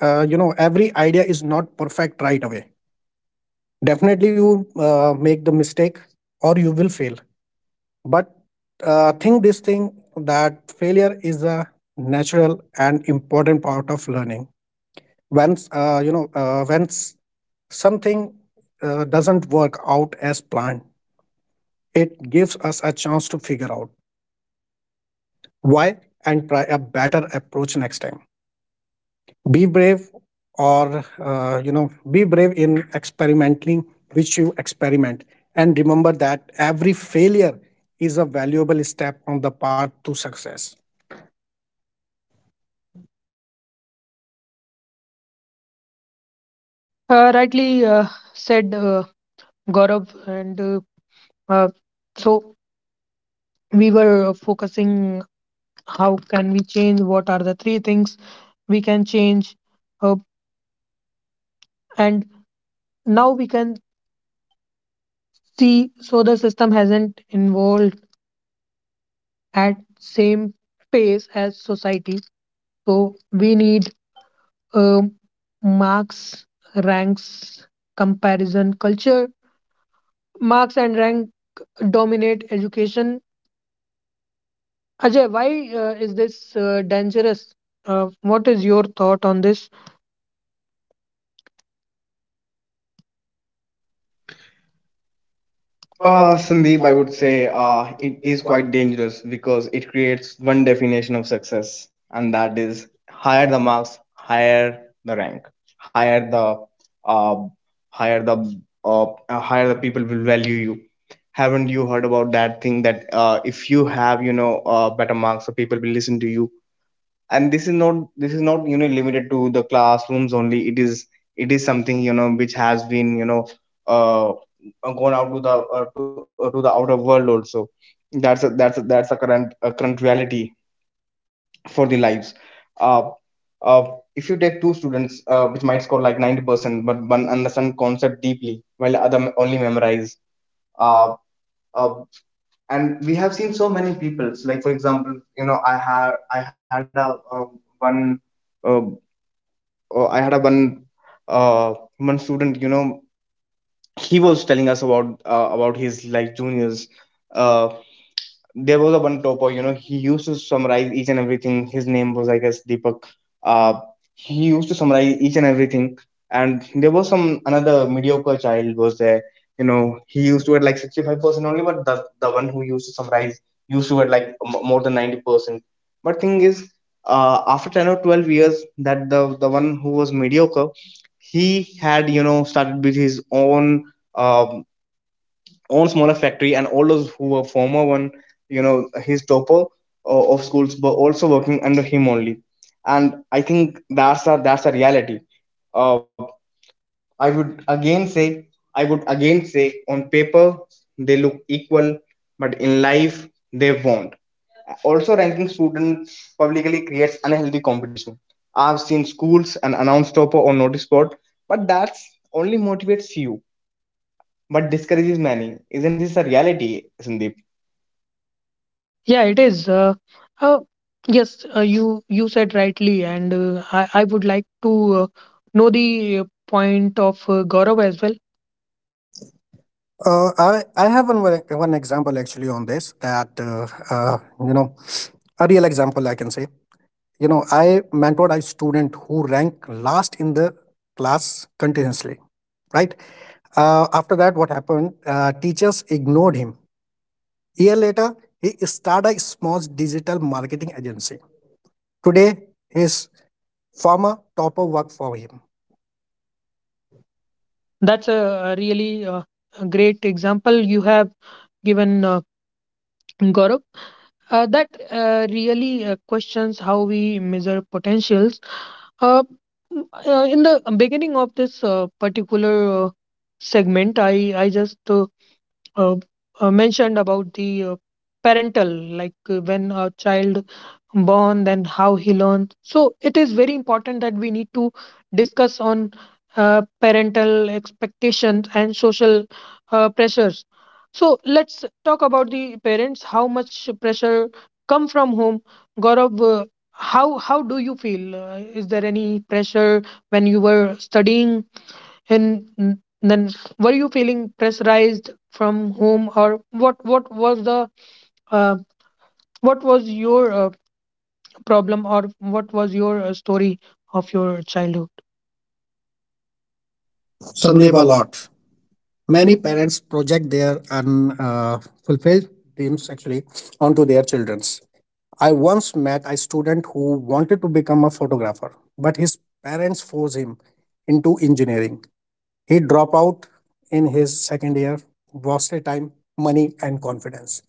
C: uh, you know, every idea is not perfect right away. Definitely you uh, make the mistake, or you will fail. But uh, think this thing, that failure is a natural and important part of learning. Once, uh, you know uh, once something uh, doesn't work out as planned, it gives us a chance to figure out why and try a better approach next time. Be brave, or uh, you know, be brave in experimenting, which you experiment, and remember that every failure is a valuable step on the path to success.
A: uh, Rightly uh, said, uh, Gaurav. And uh, uh, so we were focusing how can we change, what are the three things we can change, uh, and now we can see. So the system hasn't evolved at same pace as society. So we need, um, marks, ranks, comparison culture. Marks and rank dominate education. Ajay, why uh, is this uh, dangerous? Uh, what is your thought on this?
B: Uh, Sandeep, I would say uh, it is quite dangerous, because it creates one definition of success, and that is, higher the marks, higher the rank, higher the uh, higher the uh, uh, higher the people will value you. Haven't you heard about that thing that uh, if you have you know uh, better marks, the people will listen to you, and this is not this is not you know limited to the classrooms only. It is it is something, you know which has been you know uh uh, gone out to the uh, to, uh, to the outer world also. That's a, that's a, that's a current a current reality for the lives. Uh, uh, if you take two students, uh, which might score like ninety percent, but one understand concept deeply, while other only memorize. Uh, uh, and we have seen so many people. Like, for example, you know, I had I had a um, one, uh, uh, I had a one, uh, one student. You know, he was telling us about uh, about his like juniors. Uh, there was a one topper. You know, he used to summarize each and everything. His name was, I guess, Deepak. Uh, he used to summarize each and everything. And there was some another mediocre child was there. You know, he used to get like sixty-five percent only, but the, the one who used to summarize used to get like m- more than ninety percent. But thing is, uh, after ten or twelve years, that the, the one who was mediocre, he had, you know, started with his own um own smaller factory, and all those who were former one, you know his topper uh, of schools, were also working under him only. And I think that's a that's a reality. uh, I would again say, i would again say on paper they look equal, but in life they won't. Also, ranking students publicly creates unhealthy competition. I've seen schools and announce topper on notice board, but that's only motivates you but discourages many. Isn't this a reality, Sandeep?
A: Yeah, it is. Uh, uh, yes, uh, you you said rightly, and uh, I I would like to uh, know the uh, point of uh, Gaurav as well.
C: Uh, I, I have one, more- one example actually on this, that uh, uh, you know, a real example I can say. You know, I mentored a student who ranked last in the class continuously, right? uh, after that, what happened? Uh, teachers ignored him. A year later, he started a small digital marketing agency. Today, his former topper work for him.
A: That's a, a really uh, a great example you have given, uh, Gaurav. Uh, that uh, really uh, questions how we measure potentials. Uh, m- uh, in the beginning of this uh, particular uh, segment, I I just uh, uh, uh, mentioned about the uh, parental like uh, when a child born, then how he learns. So it is very important that we need to discuss on uh, parental expectations and social uh, pressures. So let's talk about the parents. How much pressure come from home, Gaurav? uh, how how do you feel? Uh, is there any pressure when you were studying and n- then, were you feeling pressurized from home, or what? What was the uh, what was your uh, problem, or what was your uh, story of your childhood? Sandeep,
C: Sandeep, a
A: a lot.
C: lot.
A: Many
C: Many
A: parents.
C: parents project their unfulfilled dreams actually onto their children's. I once met a student who wanted to become a photographer, but his parents forced him into engineering. He dropped out in his second year, wasted time, money, and confidence.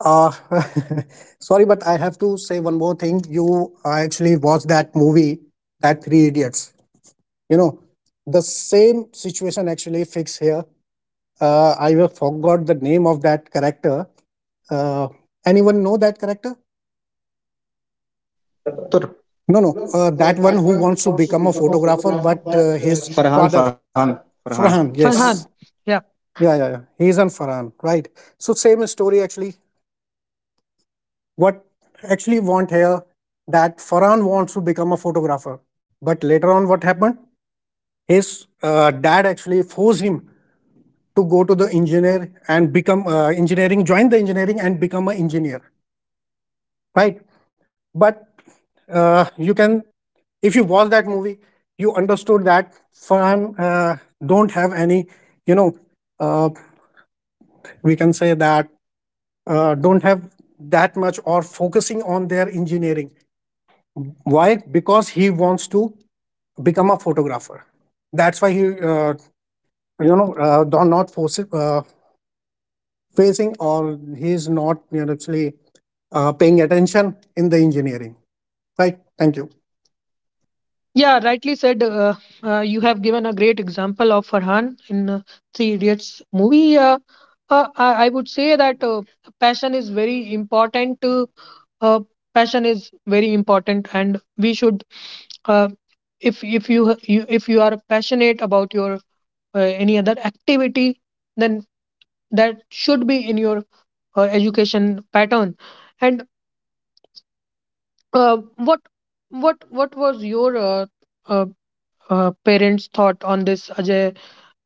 C: Uh, sorry, but I have to say one more thing. You, I actually watched that movie, that Three Idiots. You know, the same situation actually fix here. Uh, I will forgot the name of that character. Uh, anyone know that character?
B: Chatur,
C: No,
B: you
C: no.
B: know,
C: Uh, that
B: uh,
C: one
B: that
C: who
B: one who
C: wants to
B: wants to
C: become a
B: become a
C: photographer,
B: photographer,
C: but
B: but
C: uh,
B: uh,
C: his
B: he's Farhan,
C: father,
B: Farhan, Farhan.
A: Farhan,
C: Farhan.
A: yes. Farhan,
C: Yes.
A: yeah.
C: Yeah, yeah, yeah. He's on Farhan, right? So same story actually. What actually want here, that Farhan wants to become a photographer. But later on, what happened? His uh, dad actually forced him to go to the engineer and become uh, engineering, join the engineering and become an engineer, right? But uh, you can, if you watch that movie, you understood that Farhan uh, don't have any, you know, uh, we can say that uh, don't have that much or focusing on their engineering. Why? Because he wants to become a photographer. That's why he, uh, you know, uh, do- not force uh, facing, or he is not, you know, actually uh, paying attention in the engineering. Right. Thank you.
A: Yeah, rightly said. Uh, uh, you have given a great example of Farhan in uh, Three Idiots movie. Uh, uh, I, I would say that uh, passion is very important. Uh, uh, Passion is very important, and we should, uh, if if you, ha- you if you are passionate about your uh, any other activity, then that should be in your uh, education pattern. And uh, what what what was your uh, uh, uh, parents thought on this, Ajay?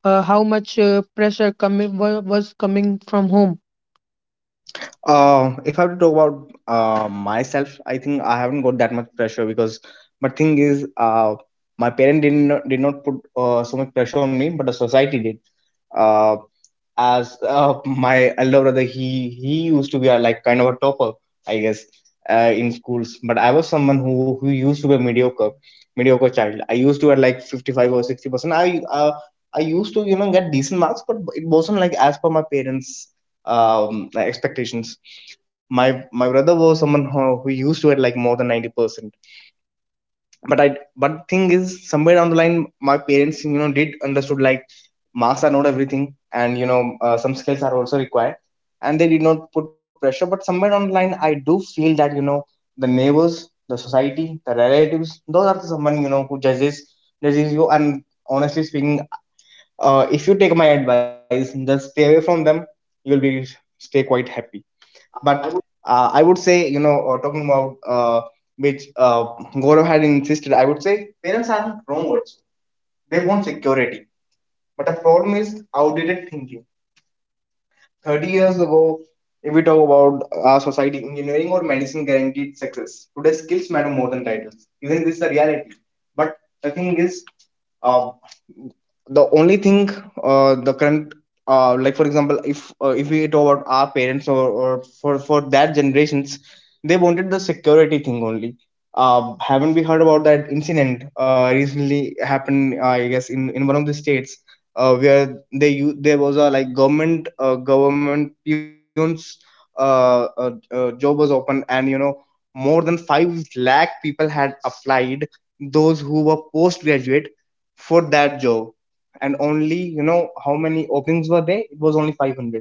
A: Uh, how much uh, pressure coming wa- was coming from home?
B: Uh, if I have to talk about uh, myself, I think I haven't got that much pressure, because my thing is, uh, my parent did not did not put uh, so much pressure on me, but the society did. Uh, as uh, my elder brother, he he used to be a, like kind of a topper, I guess, uh, in schools. But I was someone who who used to be a mediocre, mediocre child. I used to at like fifty five or sixty percent. I uh, I used to you know get decent marks, but it wasn't like as per my parents' um, like expectations. My my brother was someone who, who used to it like more than ninety percent. But I but thing is, somewhere down the line, my parents you know did understood like marks are not everything, and you know uh, some skills are also required, and they did not put pressure. But somewhere down the line, I do feel that you know the neighbors, the society, the relatives, those are someone, you know who judges judges you. And honestly speaking, uh, if you take my advice, just stay away from them. You'll be stay quite happy. But uh, I would say, you know, uh, talking about, uh, which uh, Gaurav had insisted, I would say parents aren't wrong also. They want security. But the problem is outdated thinking. thirty years ago, if we talk about our society, engineering or medicine guaranteed success. Today, skills matter more than titles. Isn't this the reality? But the thing is, uh, the only thing uh, the current uh, like, for example, if uh, if we talk about our parents, or, or for for that generations, they wanted the security thing only. Uh, haven't we heard about that incident, uh, recently happened, uh, I guess, in in one of the states, uh, where they u- there was a like government uh, government peons, uh, uh, uh, job was open, and you know more than five lakh people had applied, those who were postgraduate for that job. And only, you know how many openings were there? It was only five hundred.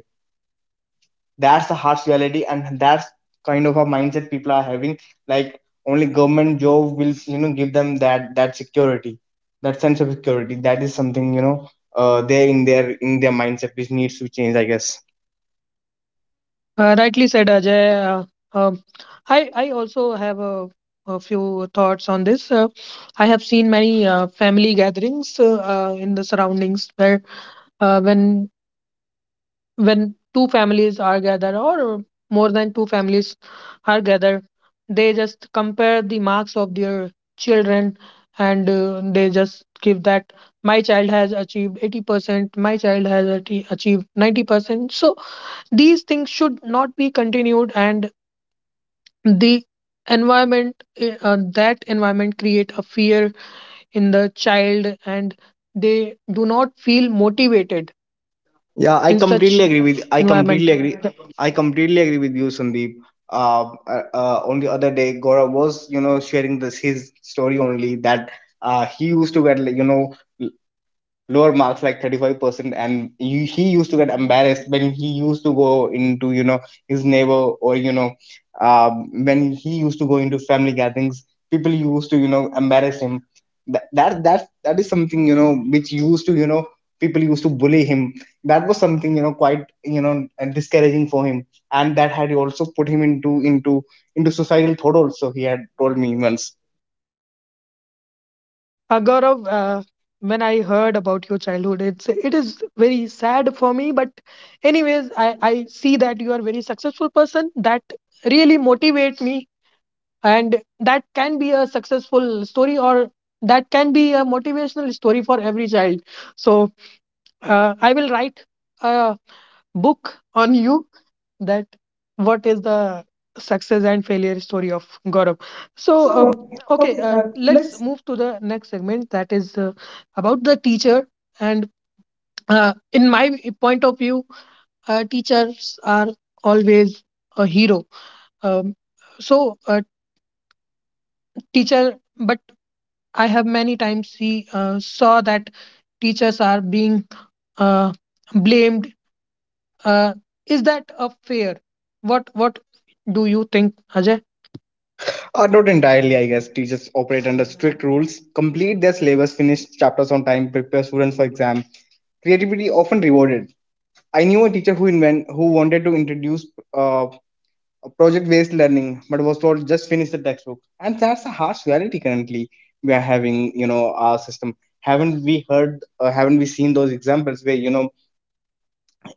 B: That's the harsh reality, and that's kind of a mindset people are having. Like, only government job will you know give them that, that security, that sense of security. That is something, you know uh they in their, in their mindset, which needs to change, I guess.
A: Uh, rightly said, Ajay. Uh, um, I I also have a, a few thoughts on this. Uh, I have seen many uh, family gatherings uh, uh, in the surroundings where uh, when when two families are gathered or more than two families are gathered, they just compare the marks of their children, and uh, they just give that my child has achieved eighty percent, my child has ati- achieved ninety percent. So these things should not be continued, and the environment eh, uh, that environment create a fear in the child, and they do not feel motivated
B: yeah i
A: in
B: completely
A: such
B: agree with i completely
A: environment.
B: agree I completely agree with you, Sandeep. Uh, uh, uh on the other day, Gaurav was you know sharing this his story only, that uh he used to get, like, you know lower marks like thirty-five percent, and you, he used to get embarrassed when he used to go into, you know his neighbor, or, you know um, when he used to go into family gatherings. People used to you know embarrass him that, that that that is something, you know which used to, you know people used to bully him. That was something, you know quite, you know and discouraging for him. And that had also put him into into into societal thought also. He had told me once.
A: Uh, Gaurav, uh, when I heard about your childhood, it's it is very sad for me. But anyways, I I see that you are a very successful person. That really motivate me, and that can be a successful story, or that can be a motivational story for every child. So uh, I will write a book on you, that what is the success and failure story of Gaurav. So,
C: So,
A: uh,
B: So.
C: uh,
A: okay,
C: okay,
A: uh,
C: uh,
A: let's
C: let's.
A: move to the next segment, that is uh, about the teacher. And uh, in my point of view, uh, teachers are always a hero. Um, so, uh, teacher, but I have many times see uh, saw that teachers are being uh, blamed. Uh, is that a fair? What what do you think, Ajay?
B: Uh, not entirely, I guess. Teachers operate under strict rules, complete their syllabus, finish chapters on time, prepare students for exam. Creativity often rewarded. I knew a teacher who invent who wanted to introduce uh, project-based learning, but was told just finish the textbook. And that's a harsh reality currently we are having. You know our system. Haven't we heard? Uh, haven't we seen those examples, where you know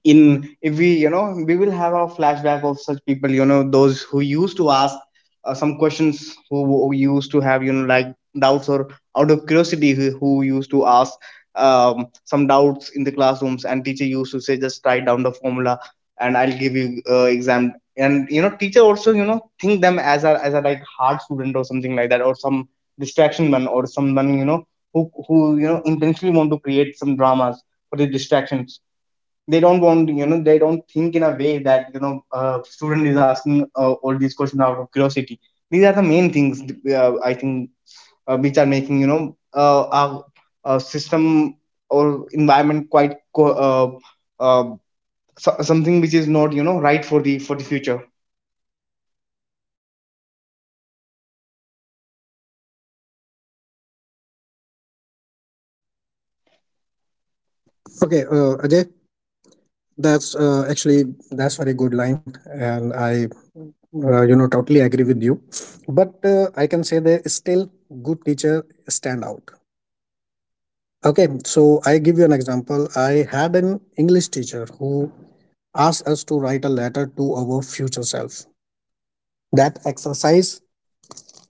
B: in if we you know we will have a flashback of such people? You know, those who used to ask uh, some questions, who, who used to have, you know like, doubts, or out of curiosity, who, who used to ask um, some doubts in the classrooms, and teacher used to say just write down the formula, and I'll give you uh, exam. And you know teacher also you know think them as a as a like hard student or something like that, or some distraction man, or someone, you know who who you know intentionally want to create some dramas for the distractions. They don't want, you know they don't think in a way that you know uh, student is asking uh, all these questions out of curiosity. These are the main things, uh, I think, uh, which are making, you know uh, our, our, system or environment quite co- uh, uh, so- something, which is not you know right for the for the future.
C: Okay, uh, Ajay, that's uh, actually that's very good line, and I, uh, you know, totally agree with you. But uh, I can say that still good teacher stand out. Okay, so I give you an example. I had an English teacher who asked us to write a letter to our future self. That exercise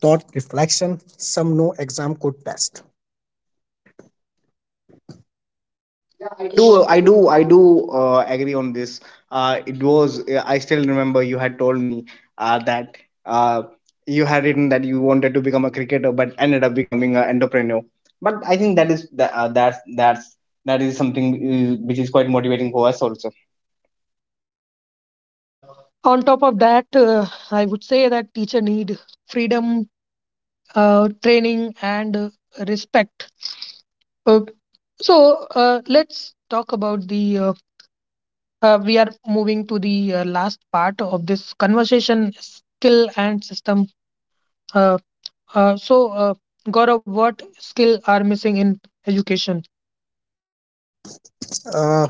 C: taught reflection, some no exam could test.
B: Yeah, I do. I do. I do uh, agree on this. Uh, it was. Uh, I still remember you had told me uh, that uh, you had written that you wanted to become a cricketer, but ended up becoming an entrepreneur. But I think that is that uh, that's that's that is something, uh, which is quite motivating for us also.
A: On top of that, uh, I would say that teacher need freedom, uh, training, and uh, respect. Uh, so uh, let's talk about the. Uh, uh, we are moving to the uh, last part of this conversation: skill and system. Uh, uh, so, uh, Gaurav, what skill are missing in education?
C: Uh,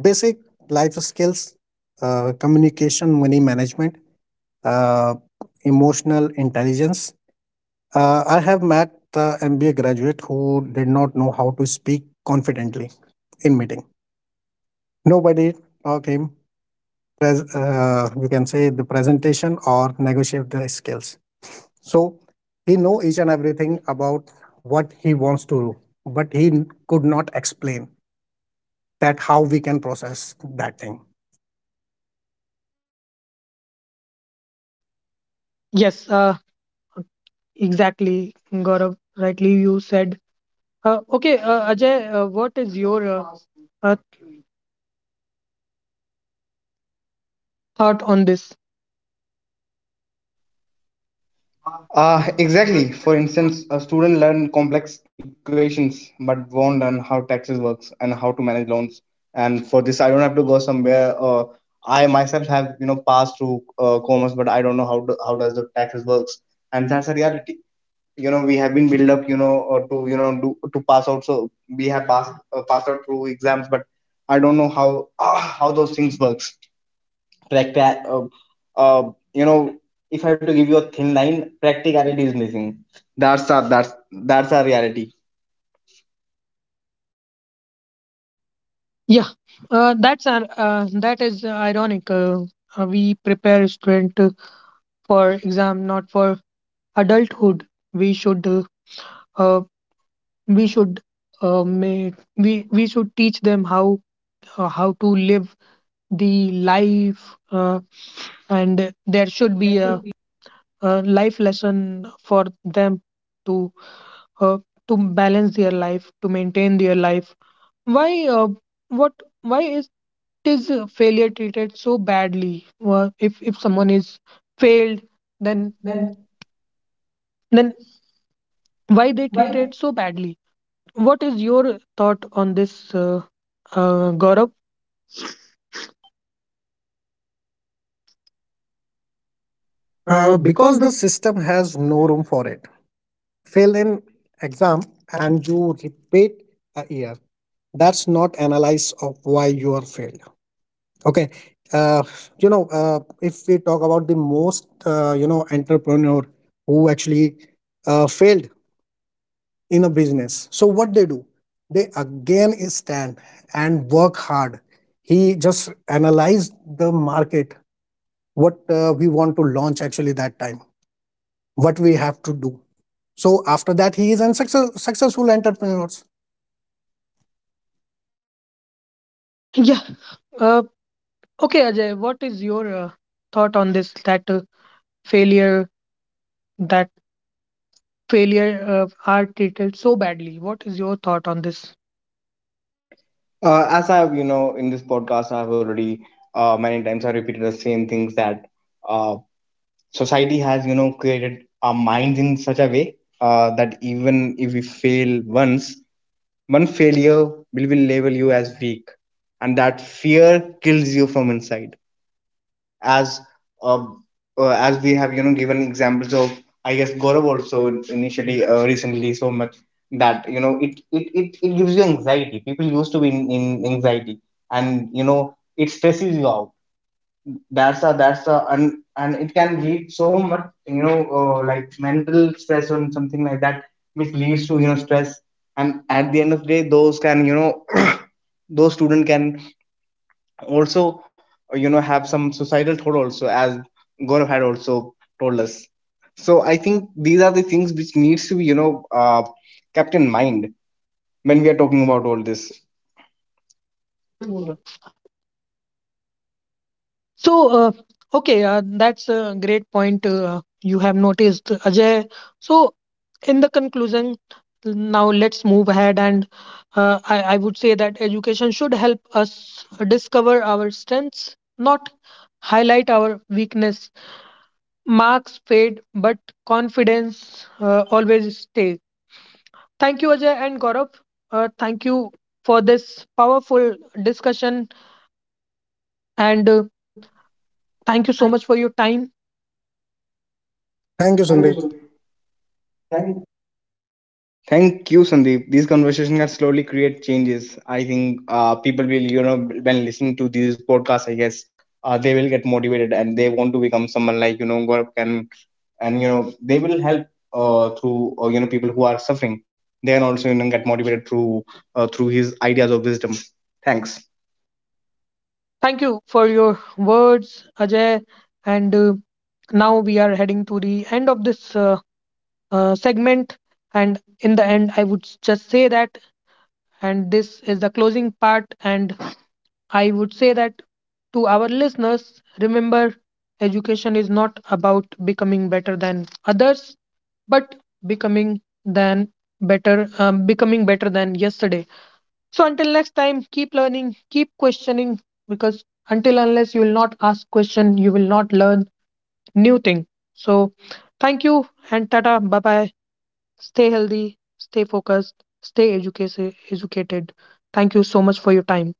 C: basic life skills, uh, communication, money management, uh, emotional intelligence. Uh, I have met the M B A graduate who did not know how to speak confidently in meeting. Nobody taught him pres- uh, you can say the presentation or negotiate the skills. So he know each and everything about what he wants to do, but he n- could not explain that how we can process that thing.
A: Yes, uh, exactly, Gaurav. Rightly, you said. Uh, okay, uh, Ajay, uh, what is your uh, uh, thought on this?
B: Uh, exactly. For instance, a student learn complex equations but won't learn how taxes works and how to manage loans. And for this, I don't have to go somewhere. Uh, I myself have you know passed through uh, commerce, but I don't know how to, how does the taxes works. And that's a reality. You know, we have been built up, you know, uh, to you know do to pass out. So we have passed uh, passed out through exams, but I don't know how how those things works. Practi- uh, uh, you know, if I have to give you a thin line, practicality is missing. That's our that's that's our reality.
A: Yeah, uh, that's an- uh, that is uh, ironic. Uh, uh, we prepare student uh, for exam, not for adulthood. We should uh, uh, we should uh, may, we we should teach them how uh, how to live the life, uh, and there should
B: There
A: be
B: should
A: a,
B: be
A: a life lesson for them to uh, to balance their life, to maintain their life. Why? Uh, what? Why is is uh, failure treated so badly? Uh, if if someone is failed,
B: failed.
A: then
B: Then
A: then why they
B: why?
A: treated so badly? What is your thought on this, uh, uh, Gaurav? Uh,
C: uh,
A: because
C: because
A: the
C: the system has no room for it. Fail an exam and you repeat a year. That's not analysis of why you are failed. Okay. Uh, you know, uh, if we talk about the most, uh, you know, entrepreneur who actually uh, failed in a business, so what they do? They again stand and work hard. He just analyzed the market, what uh, we want to launch actually that time, what we have to do. So after that, he is a success, successful entrepreneurs.
A: Yeah. Uh, okay, Ajay. What is your uh, thought on this? That uh, failure, that failure uh, are treated so badly. What is your thought on this?
B: Uh, as I've, you know in this podcast, I've already, uh, many times, I repeated the same things, that uh, society has you know created our minds in such a way uh, that even if we fail once, one failure will, will label you as weak, and that fear kills you from inside. as um, uh, as we have you know given examples of, I guess, Gaurav also, initially, uh, recently, so much, that you know it, it it it gives you anxiety. People used to be in, in anxiety, and you know it stresses you out, that's a that's a and and it can lead so much, you know uh, like, mental stress or something like that, which leads to, you know stress, and at the end of the day, those can you know those student can also, uh, you know have some societal thought also, as Gaurav had also told us. So I think these are the things which needs to be you know uh, kept in mind when we are talking about all this.
A: So, uh, okay, uh, that's a great point uh, you have noticed, Ajay. So, in the conclusion, now let's move ahead, and uh, I, I would say that education should help us discover our strengths, not highlight our weakness. Marks fade, but confidence uh, always stays. Thank you, Ajay and Gaurav. Uh, thank you for this powerful discussion, and uh, thank you so much for your time.
C: Thank you,
B: Thank you so
C: Sandeep.
B: much.
C: Thank you.
B: Thank you, Sandeep. These conversations can slowly create changes. I think uh, people will, you know, when listening to these podcasts, I guess, uh, they will get motivated, and they want to become someone like, you know Gaurav can, and you know they will help uh, through, uh, you know people who are suffering. They can also you know get motivated through uh, through his ideas of wisdom. Thanks.
A: Thank you for your words, Ajay. And uh, now we are heading to the end of this uh, uh, segment. And in the end, I would s- just say that, and this is the closing part. And I would say that to our listeners, remember education is not about becoming better than others, but becoming than better, um, becoming better than yesterday. So until next time, keep learning, keep questioning, because until unless you will not ask question, you will not learn new thing. So thank you and tata, bye bye. Stay healthy, stay focused, stay educated. educated. Thank you so much for your time.